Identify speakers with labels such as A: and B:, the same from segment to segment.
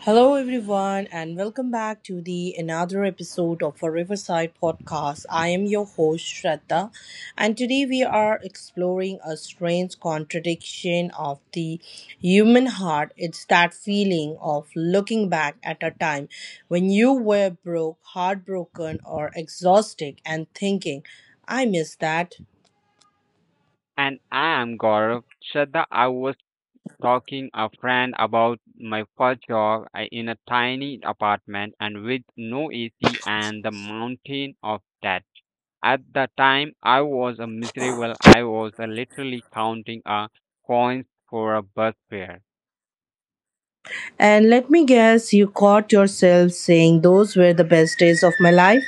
A: Hello, everyone, and welcome back to the another episode of our Riverside podcast. I am your host Shraddha, and today we are exploring a strange contradiction of the human heart. It's that feeling of looking back at a time when you were broke, heartbroken, or exhausted, and thinking, "I miss that."
B: And I am Gaurav. Shraddha, I was talking a friend about my first job in a tiny apartment and with no AC and the mountain of debt. At the time, I was a miserable. I was literally counting coins for a bus fare.
A: And let me guess, you caught yourself saying, "Those were the best days of my life."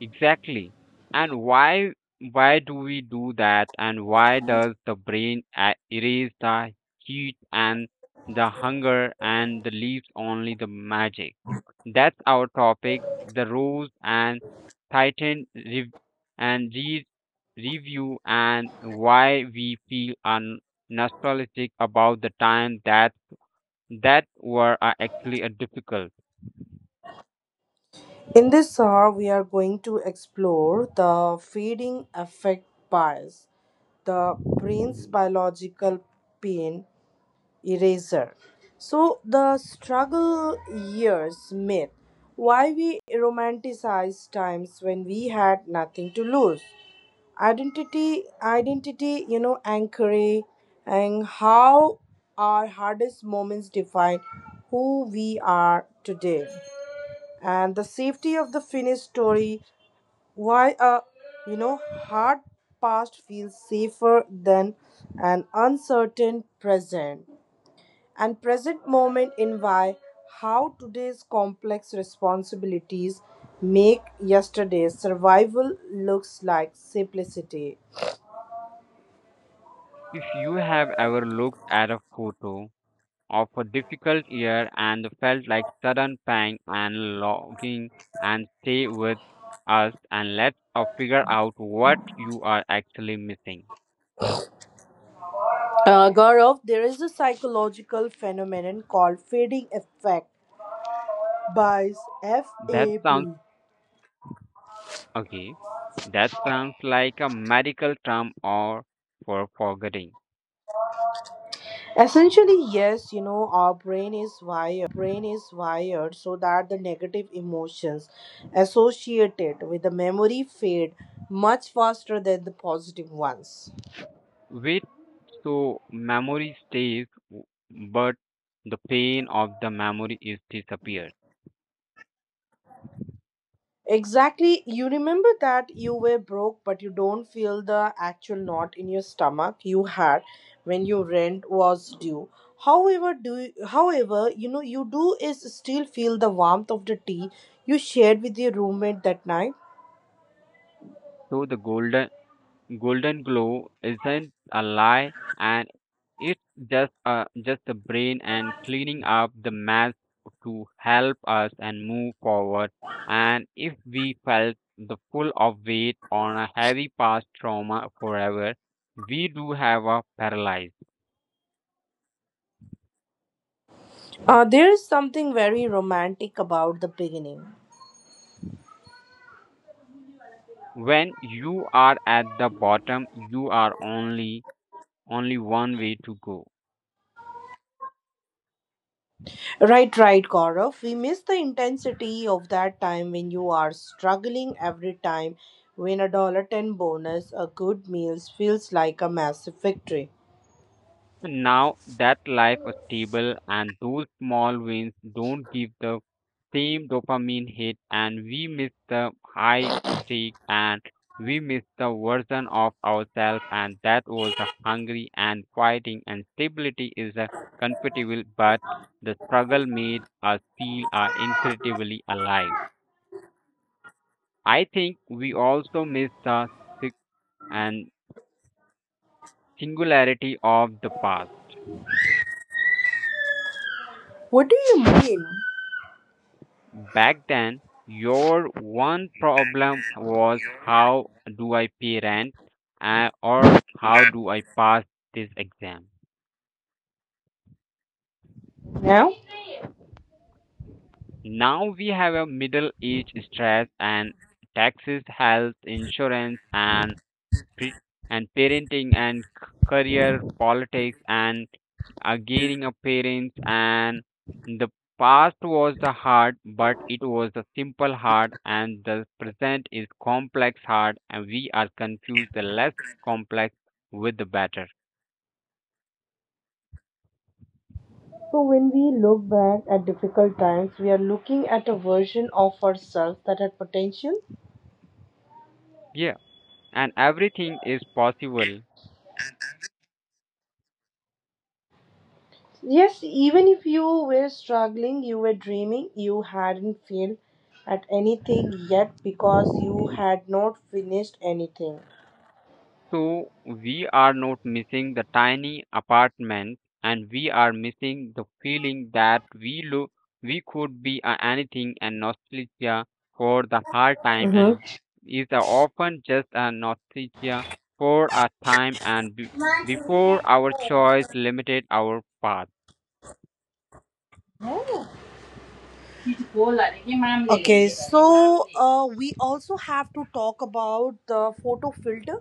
B: Exactly. And why do we do that and why does the brain erase the heat and the hunger and the leaves only the magic? That's our topic, the rose and Titan and re- review and why we feel nostalgic about the time that were actually difficult.
A: In this hour, we are going to explore the feeding effect bias, the brain's biological pain eraser. So, the struggle years myth, why we romanticize times when we had nothing to lose, identity identity you know anchoring, and how our hardest moments define who we are today, and the safety of the finished story, why a you know hard past feels safer than an uncertain present, and present moment in why, how today's complex responsibilities make yesterday's survival looks like simplicity.
B: If you have ever looked at a photo of a difficult year and felt like sudden pang and longing and stay with us and let's figure out what you are actually missing.
A: Gaurav, there is a psychological phenomenon called fading effect by
B: That sounds
A: FAB.
B: okay. That sounds like a medical term or forgetting.
A: Essentially, yes, our brain is wired so that the negative emotions associated with the memory fade much faster than the positive ones.
B: Wait, so memory stays, but the pain of the memory is disappeared.
A: Exactly, you remember that you were broke, but you don't feel the actual knot in your stomach you had when your rent was due. However, you do is still feel the warmth of the tea you shared with your roommate that night.
B: So the golden glow isn't a lie and it's just a, just the brain and cleaning up the mess to help us and move forward, and if we felt the full of weight on a heavy past trauma forever we do have a paralyzed.
A: There is something very romantic about the beginning.
B: When you are at the bottom you are only one way to go.
A: Right, right, Gaurav. We miss the intensity of that time when you are struggling, every time when a dollar ten bonus, a good meal feels like a massive victory.
B: Now that life is stable and those small wins don't give the same dopamine hit and we miss the high stake and we miss the version of ourselves and that was a hungry and fighting and stability is a comfortable but the struggle made us feel incredibly alive. I think we also miss the sig- and singularity of the past.
A: What do you mean?
B: Back then, your one problem was how do I pay rent or how do I pass this exam?
A: Now?
B: Now we have a middle age stress and taxes, health, insurance, and pre- parenting and career politics and gaining a parents, and the past was the hard but it was the simple hard and the present is complex hard and we are confused the less complex with the better,
A: So when we look back at difficult times, we are looking at a version of ourselves that had potential.
B: yeah, and everything is possible.
A: Yes, even if you were struggling, you were dreaming, you hadn't failed at anything yet because you had not finished anything.
B: So we are not missing the tiny apartment and we are missing the feeling that we could be anything, and nostalgia for the hard time
A: Hmm.
B: and is a often just a nostalgia for a time and before our choice limited our path.
A: Okay, so we also have to talk about the photo filter.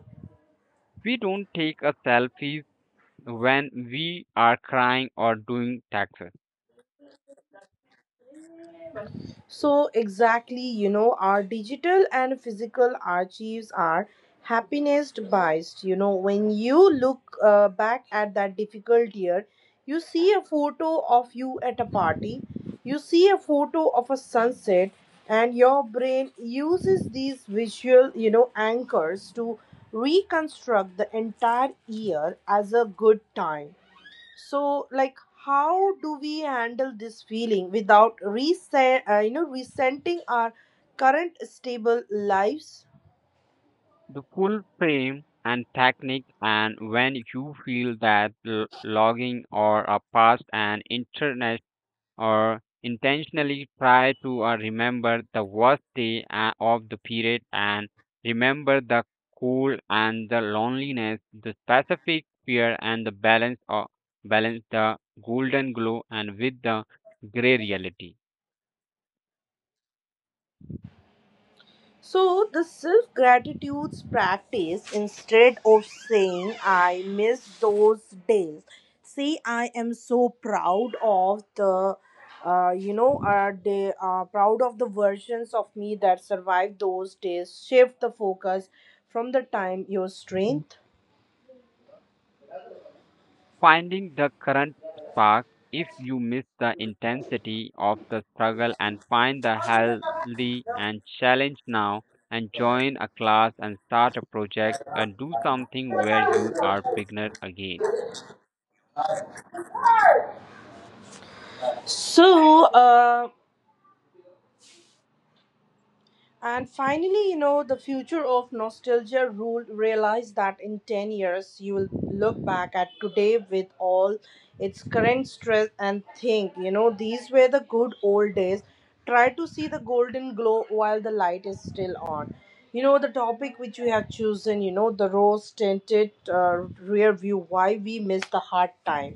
B: We don't take a selfies when we are crying or doing taxes
A: So, exactly, our digital and physical archives are happiness biased. When you look back at that difficult year, you see a photo of you at a party, you see a photo of a sunset, and your brain uses these visual anchors to reconstruct the entire year as a good time. So, like, how do we handle this feeling without resenting our current stable lives?
B: the full frame and technique, and when you feel that logging or a past and internet or intentionally try to remember the worst day of the period and remember the cold and the loneliness, the specific fear and the balance or balance the golden glow and with the gray reality,
A: So, the self gratitudes practice, instead of saying "I miss those days," say "I am so proud of the they are proud of the versions of me that survived those days." Shift the focus from the time, your strength.
B: finding the current spark, if you miss the intensity of the struggle and find the healthy and challenge now and join a class and start a project and do something where you are beginner again.
A: So and finally, the future of nostalgia rule, realize that in 10 years you will look back at today with all its current stress and think, these were the good old days. Try to see the golden glow while the light is still on. The topic which we have chosen, the rose tinted rear view, why we miss the hard time,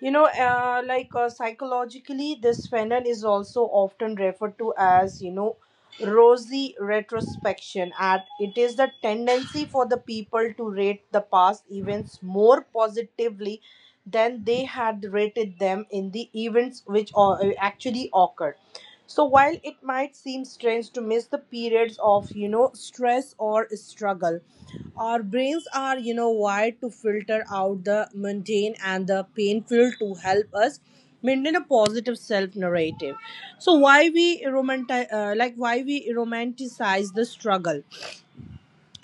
A: like psychologically, this phenomenon is also often referred to as, rosy retrospection. And it is the tendency for the people to rate the past events more positively than they had rated them in the events which actually occurred. So while it might seem strange to miss the periods of, stress or struggle, our brains are, wired to filter out the mundane and the painful to help us maintain a positive self narrative. So why we like why we romanticize the struggle?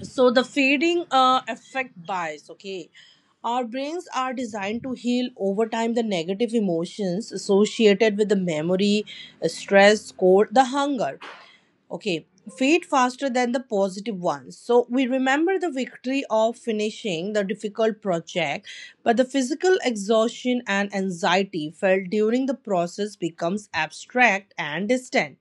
A: So the fading affect bias, okay, our brains are designed to heal over time. The negative emotions associated with the memory, stress, cold, the hunger, okay, fade faster than the positive ones. So we remember the victory of finishing the difficult project, but the physical exhaustion and anxiety felt during the process becomes abstract and distant.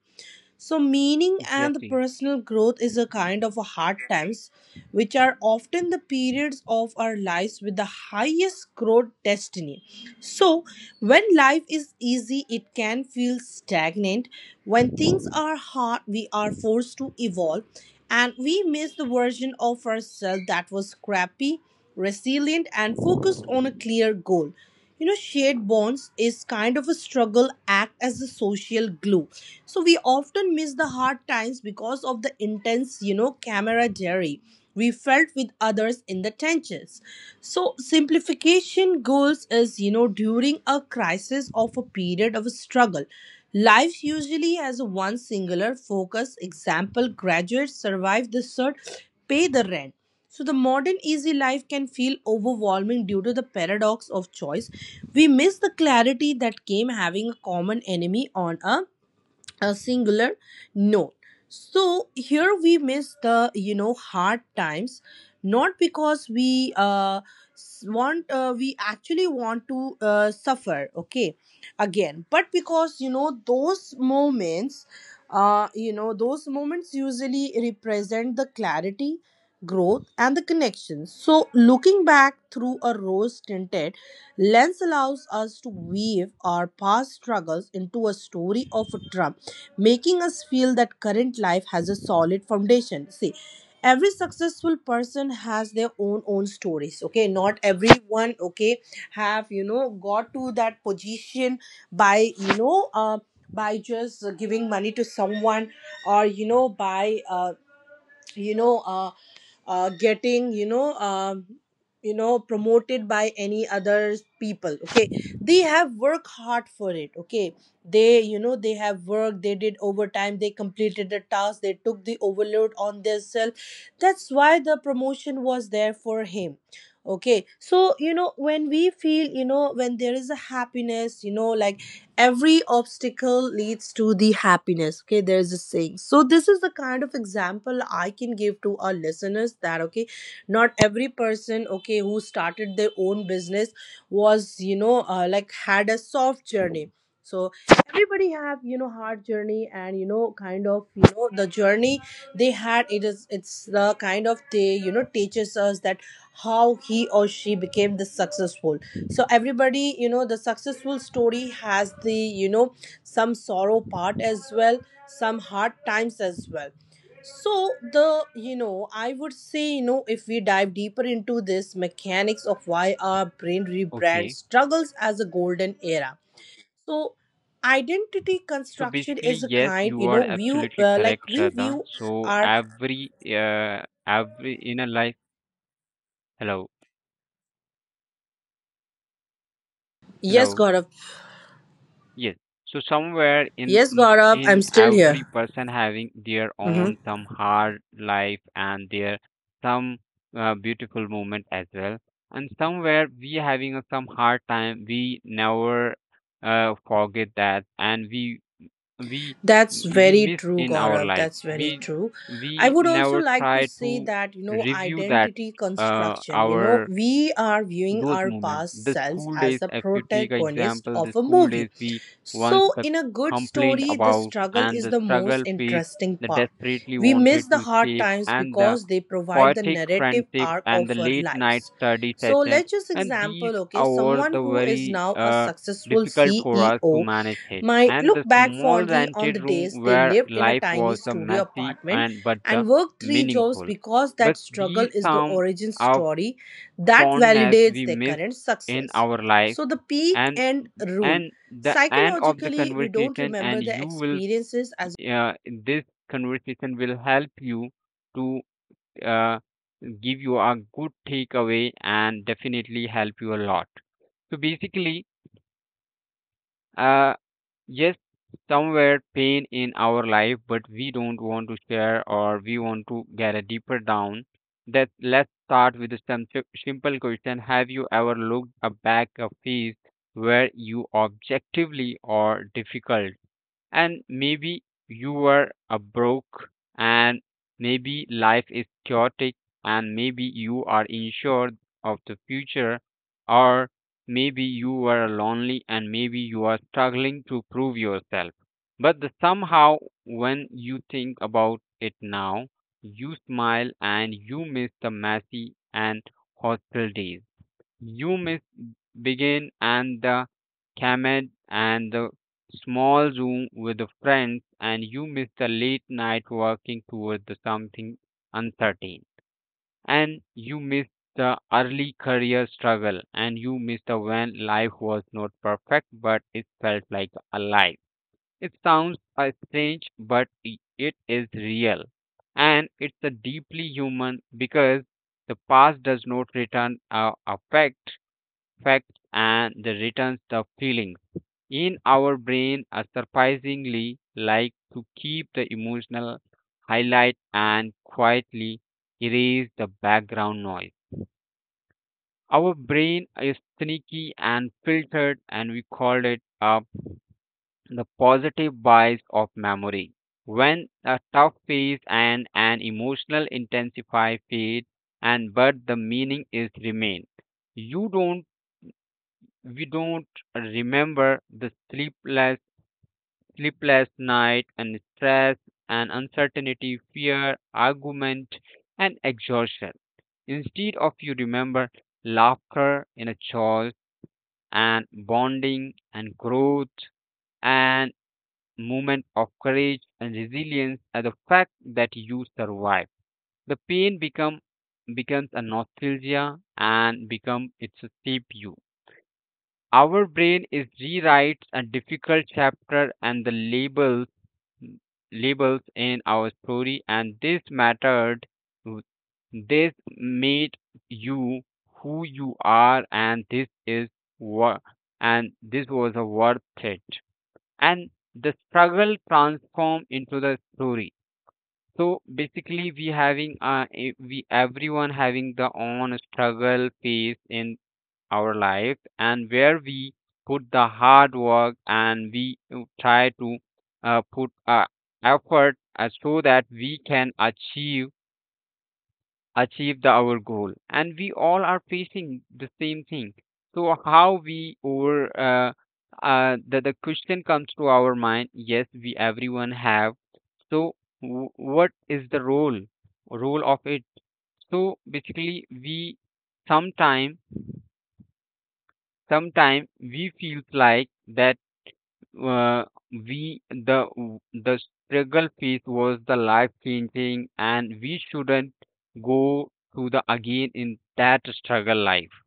A: So, meaning and the
B: Exactly.
A: personal growth is a kind of a hard times, which are often the periods of our lives with the highest growth destiny. So, when life is easy, it can feel stagnant. When things are hard, we are forced to evolve, and we miss the version of ourselves that was scrappy, resilient, and focused on a clear goal. Shared bonds is kind of a struggle, act as a social glue, so we often miss the hard times because of the intense camaraderie we felt with others in the trenches. So simplification goals is, during a crisis of a period of struggle, life usually has one singular focus. Example, graduates survive the cert, pay the rent. So the modern easy life can feel overwhelming due to the paradox of choice. We miss the clarity that came having a common enemy on a singular note. So here we miss the hard times not because we s- want we actually want to suffer, okay, again, but because those moments usually represent the clarity, growth and the connection. So looking back through a rose tinted lens allows us to weave our past struggles into a story of triumph, making us feel that current life has a solid foundation. See, every successful person has their own stories. Okay, not everyone, okay, have got to that position by by just giving money to someone, or by you know uh, getting promoted by any other people, okay. They have worked hard for it, okay. They you know they have worked, they did overtime, they completed the task, they took the overload on themselves. That's why the promotion was there for him, okay. So when we feel, when there is a happiness, like every obstacle leads to the happiness, okay, there's a saying. So this is the kind of example I can give to our listeners, that okay, not every person, okay, who started their own business was like had a soft journey. So everybody have hard journey, and kind of the journey they had, it's the kind of they teaches us that how he or she became this successful. So everybody, the successful story has the, some sorrow part as well, some hard times as well. So the, I would say, if we dive deeper into this mechanics of why our brain rebrand
B: Okay,
A: struggles as a golden era. So identity
B: so
A: construction
B: basically,
A: is a
B: yes,
A: kind,
B: you are
A: view,
B: absolutely correct,
A: like we
B: Shraddha.
A: view
B: So
A: our,
B: uh, every in a life. Hello,
A: yes
B: hello.
A: Gaurav,
B: Yes. So somewhere in
A: yes
B: in
A: Gaurav, I'm
B: in
A: still here.
B: every person having their
A: Mm-hmm.
B: own some hard life and their some beautiful moment as well. And somewhere we having a, some hard time. We never forget that, and we
A: That's
B: we
A: very
B: miss
A: true,
B: in our
A: Gaurav.
B: life.
A: That's very
B: We
A: true. I
B: we
A: would also
B: never
A: like to
B: try
A: say
B: to
A: that,
B: review that
A: identity construction,
B: our
A: we are viewing
B: those
A: our
B: moments.
A: past
B: The
A: selves
B: school
A: as
B: days,
A: the
B: if you take an
A: protagonist
B: example, the
A: of a
B: school
A: movie.
B: days we once
A: So,
B: the
A: in a good
B: complained
A: story, the
B: about
A: struggle
B: and
A: is
B: the
A: the most
B: struggle faced,
A: interesting
B: the
A: part.
B: desperately
A: We
B: wanted
A: miss the
B: to
A: hard
B: escape,
A: times
B: and the
A: because they provide the
B: chaotic
A: narrative
B: friendship
A: arc
B: and the
A: of our
B: late night
A: lives.
B: study
A: So,
B: session,
A: let's just
B: and these
A: example, okay,
B: hours
A: someone
B: the
A: who is
B: very
A: now a successful
B: difficult for us to
A: CEO
B: manage it.
A: might
B: And
A: look
B: the
A: back
B: small
A: fondly on
B: rented
A: the
B: room
A: days they
B: where
A: lived in a
B: life
A: tiny
B: was
A: studio
B: messy
A: apartment
B: and but
A: and worked three jobs
B: meaningful.
A: because that
B: But
A: struggle
B: these
A: is the
B: some
A: origin
B: of
A: story that
B: fondness we
A: validates their
B: miss
A: current
B: in
A: success.
B: our life
A: So, the peak
B: and
A: and rule.
B: and the end of the
A: Psychologically, we don't
B: conversation
A: remember
B: and
A: the
B: you will
A: experiences as
B: uh, this conversation will help you to uh, give you a good takeaway and definitely help you a lot. So basically, uh, yes, somewhere pain in our life, but we don't want to share or we want to get a deeper down. That let's start with some simple question. Have you ever looked a back a face where you objectively or difficult? And maybe you were a broke and maybe life is chaotic and maybe you are unsure of the future or maybe you were lonely and maybe you are struggling to prove yourself, but the somehow when you think about it now you smile and you miss the messy and hostile days, you miss begin and the Kamed and the small room with the friends, and you miss the late night working towards the something uncertain, and you miss the early career struggle, and you miss the when life was not perfect but it felt like alive. It sounds strange, but it is real, and it's a deeply human because the past does not return our affect facts and the returns the feelings in our brain are surprisingly like to keep the emotional highlight and quietly erase the background noise. Our brain is sneaky and filtered and we call it the positive bias of memory when a tough phase and an emotional intensify fade and but the meaning is remain. You don't, we don't remember the sleepless night and stress and uncertainty fear argument and exhaustion, instead of you remember laughter in a choice and bonding and growth and moment of courage and resilience, and the fact that you survive the pain becomes a nostalgia and become it's a shape you. Our brain is rewrites a difficult chapter and the labels in our story and this mattered, this made you who you are, and this is what and this was a worth it, and the struggle transformed into the story. So basically we having we everyone having the own struggle phase in our life and where we put the hard work and we try to put effort so that we can achieve the our goal and we all are facing the same thing. So how we over uh, the question comes to our mind. Yes, we everyone have, so what is the role of it. So basically we sometimes sometimes we feels like that uh, we the struggle phase was the life changing and we shouldn't go through the again in that struggle life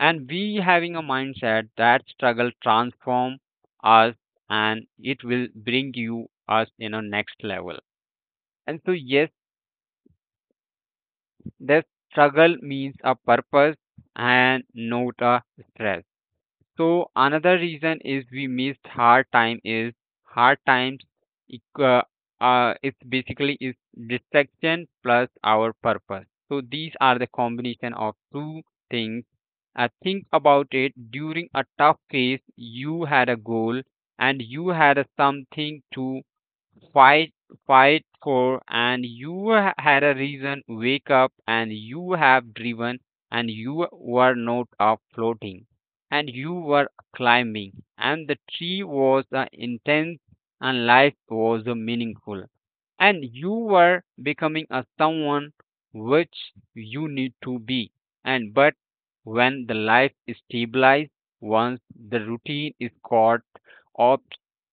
B: and we having a mindset that struggle transform us and it will bring you us in a next level, and so yes the struggle means a purpose and not a stress. So another reason is we missed hard time is hard times equa- it's basically is distraction plus our purpose. So these are the combination of two things. Think about it, during a tough phase you had a goal and you had a something to fight fight for and you had a reason wake up and you have driven and you were not up floating and you were climbing and the tree was intense and life was meaningful and you were becoming a someone which you need to be, and but when the life is stabilized once the routine is caught up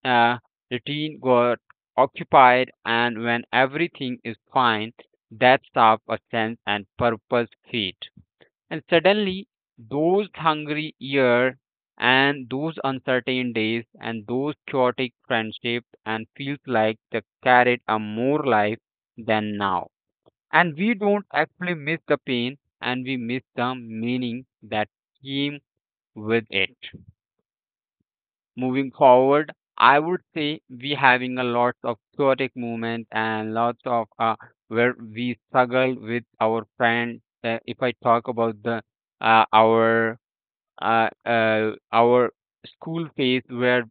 B: uh, routine go occupied, and when everything is fine, that's how a sense and purpose fade. And suddenly, those hungry years and those uncertain days and those chaotic friendships and feels like they carried a more life than now. And we don't actually miss the pain and we miss the meaning that came with it. Moving forward, I would say we having a lot of chaotic movement and lots of where we struggle with our friend. If I talk about the uh, our our school phase where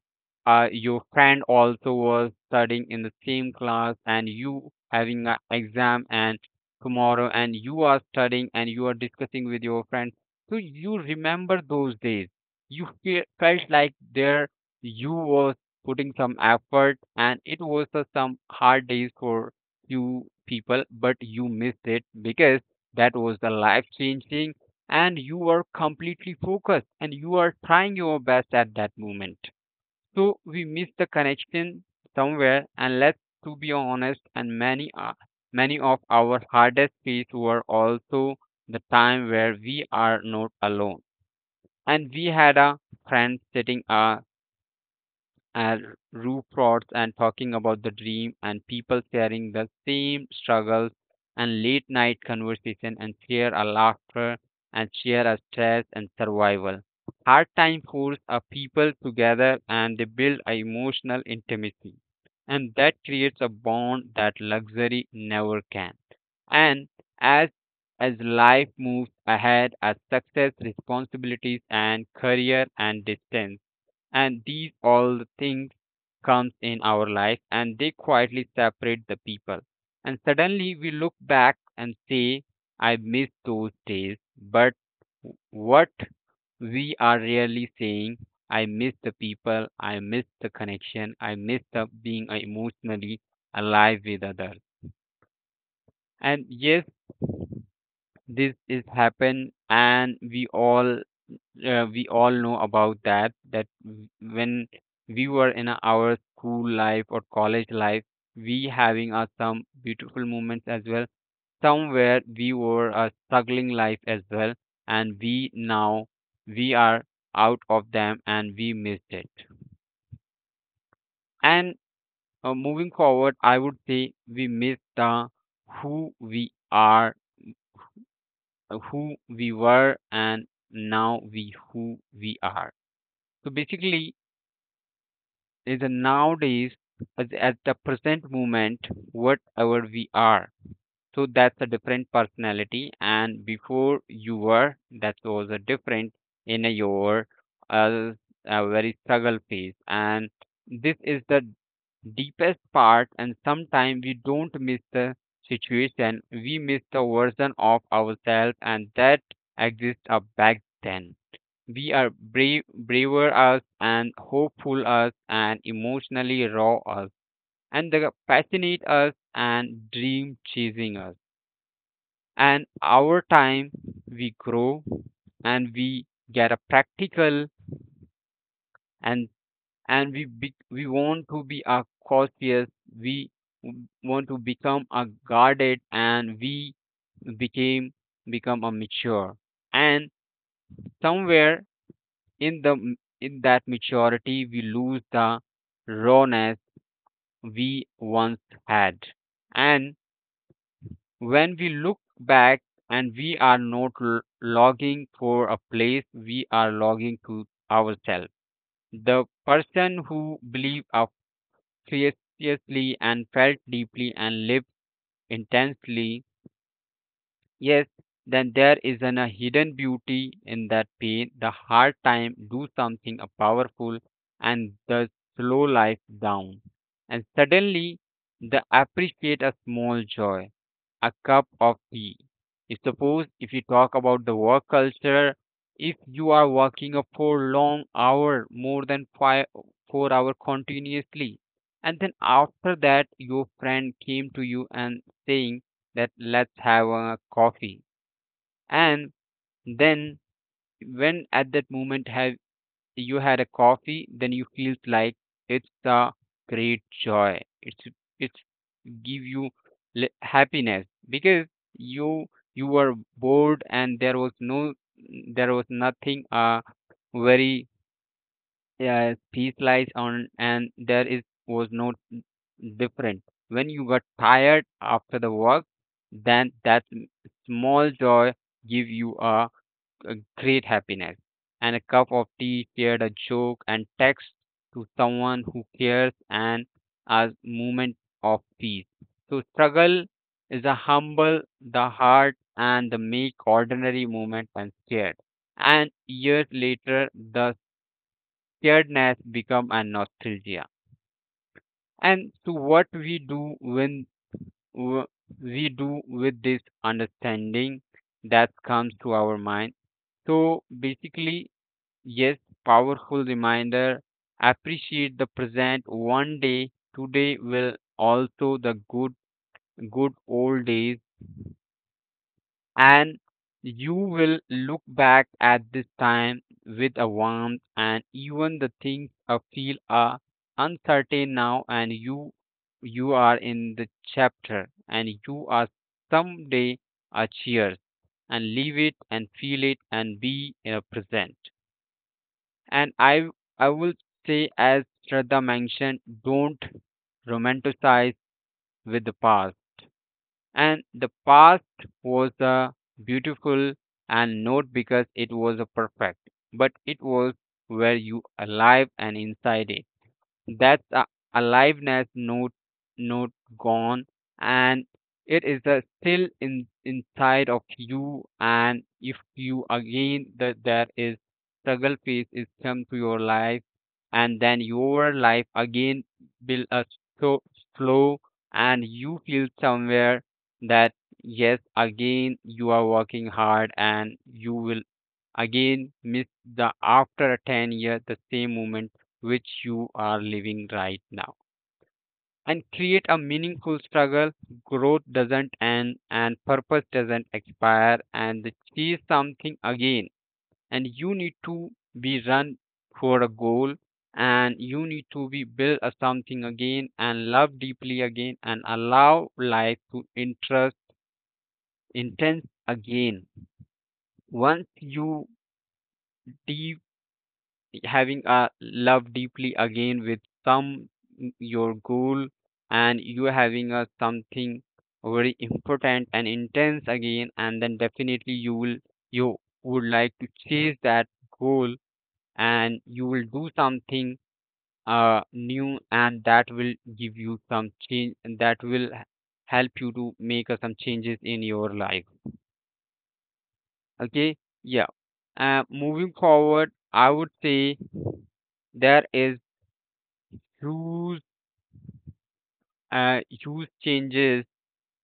B: your friend also was studying in the same class and you having an exam and tomorrow and you are studying and you are discussing with your friend, so you remember those days you felt like there you was putting some effort and it was some hard days for you people but you missed it because that was the life changing and you are completely focused and you are trying your best at that moment. So we miss the connection somewhere, and let's to be honest, and many are many of our hardest days were also the time where we are not alone and we had a friend sitting at roof rods and talking about the dream and people sharing the same struggles and late night conversation and share a laughter and share a stress and survival. Hard time force a people together and they build a emotional intimacy. And that creates a bond that luxury never can. And as as life moves ahead, as success, responsibilities, and career and distance and these all the things comes in our life and they quietly separate the people. And suddenly we look back and say, I miss those days, but what we are really saying, I miss the people, I miss the connection, I miss the being emotionally alive with others. And yes, this is happen, and we all know about that when we were in our school life or college life, we having some beautiful moments as well. Somewhere we were a struggling life as well, and we now we are out of them and we missed it. And moving forward, I would say we missed the who we are who we were, and now we who we are. So basically is, nowadays as at the present moment, whatever we are, so that's a different personality. And before you were, that was a different in a your uh, a very struggle phase. And this is the deepest part. And sometimes we don't miss the situation, we miss the version of ourselves, and that exists back then. We are braver us, and hopeful us, and emotionally raw us, and the passionate us, and dream chasing us. And our time, we grow, and we get a practical, and and we want to be a cautious. We want to become a guarded, and we became become a mature. And somewhere in the in that maturity, we lose the rawness we once had. And when we look back, and we are not logging for a place, we are logging to ourselves, the person who believed a fiercely and felt deeply and lived intensely. Yes, then there isn't a hidden beauty in that pain. The hard time do something a powerful and the slow life down. And suddenly they appreciate a small joy, a cup of tea. If suppose, if you talk about the work culture, if you are working a four long hour, more than five four hour continuously, and then after that, your friend came to you and saying that, let's have a coffee. And then when at that moment have you had a coffee, then you feel like it's a great joy. It's give you happiness, because you you were bored, and there was nothing very, yeah, peace lies on, and there is was no different. When you got tired after the work, then that small joy give you a great happiness. And a cup of tea, shared a joke, and text to someone who cares, and a moment of peace. So struggle is a humble the heart and the make ordinary moment and scared. And years later, the scaredness become a nostalgia. And so what we do when w- we do with this understanding that comes to our mind, so basically, yes, powerful reminder, appreciate the present. One day today will also the good old days, and you will look back at this time with a warmth. And even the things feel uncertain now, and you are in the chapter, and you are someday a cheers and leave it and feel it and be present. And I will say, as Shraddha mentioned, don't romanticize with the past. And the past was beautiful, and not because it was a perfect, but it was where you alive and inside it. That's a aliveness, not gone, and it is still in inside of you. And if you again that there is struggle phase is come to your life, and then your life again will so slow, and you feel somewhere that, yes, again you are working hard, and you will again miss, the after 10 years, the same moment which you are living right now. And create a meaningful struggle, growth doesn't end, and purpose doesn't expire, and she is something again, and you need to be run for a goal, and you need to be build a something again, and love deeply again, and allow life to interest intense again. Once you deep having a love deeply again with some your goal, and you having a something very important and intense again, and then definitely you would like to chase that goal, and you will do something new, and that will give you some change. And that will help you to make some changes in your life. Okay. Yeah. Moving forward, I would say there is Huge, huge changes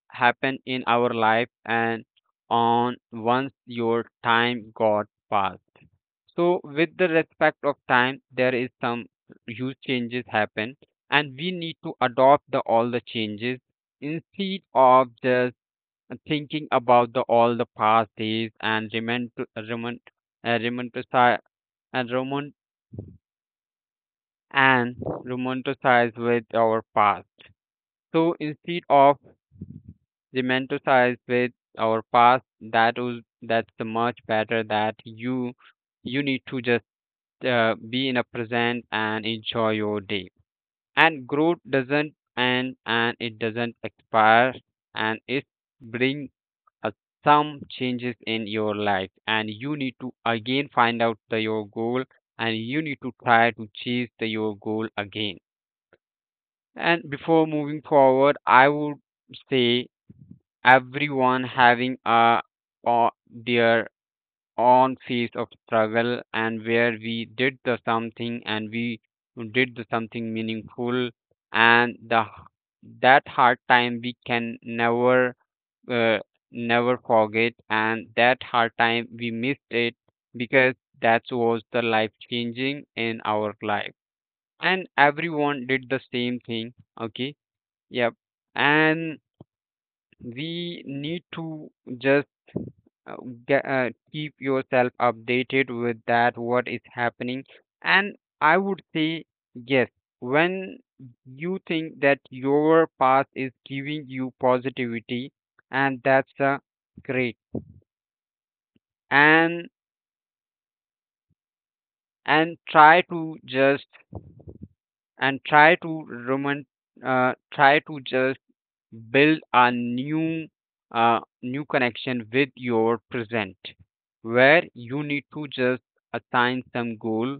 B: happen in our life, and on once your time got passed. So with the respect of time, there is some huge changes happen, and we need to adopt the all the changes instead of just thinking about the all the past days, and remember romanticize, and and romanticize with our past. So instead of romanticize with our past, that's the much better that you need to just be in a present and enjoy your day. And growth doesn't end, and it doesn't expire, and it bring uh, some changes in your life, and you need to again find out your goal, and you need to try to chase your goal again. And before moving forward, I would say, everyone having their own phase of struggle, and where we did the something, and we did the something meaningful. And the that hard time we can uh, never forget. And that hard time we missed it, because that was the life changing in our life, and everyone did the same thing. Okay. Yep. And we need to just uh, keep yourself updated with that what is happening. And I would say, yes, when you think that your path is giving you positivity, and that's great. And and try to just and try to roman try to just build a new connection with your present, where you need to just assign some goal,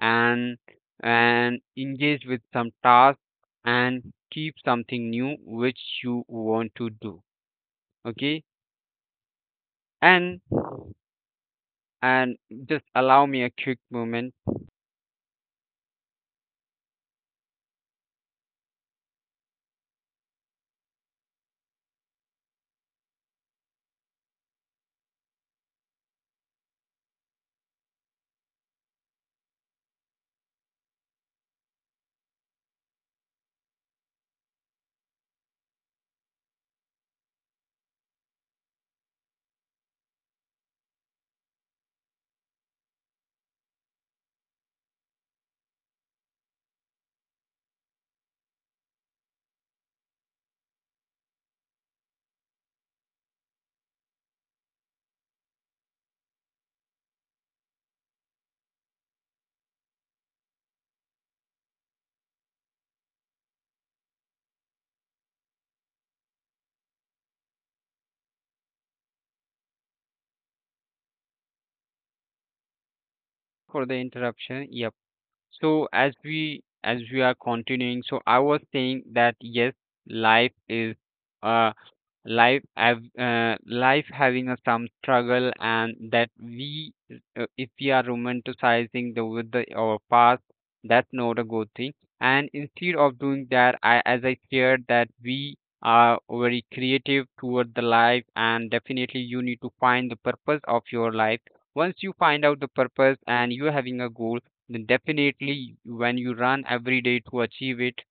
B: and and engage with some task, and keep something new which you want to do. Okay. And and just allow me a quick moment for the interruption. Yep. So as we are continuing, so I was saying that, yes, life is uh life having a some struggle. And that we if we are romanticizing the with the our past, that's not a good thing. And instead of doing that, I as I shared, that we are very creative toward the life. And definitely you need to find the purpose of your life. Once you find out the purpose, and you're having a goal, then definitely when you run every day to achieve it,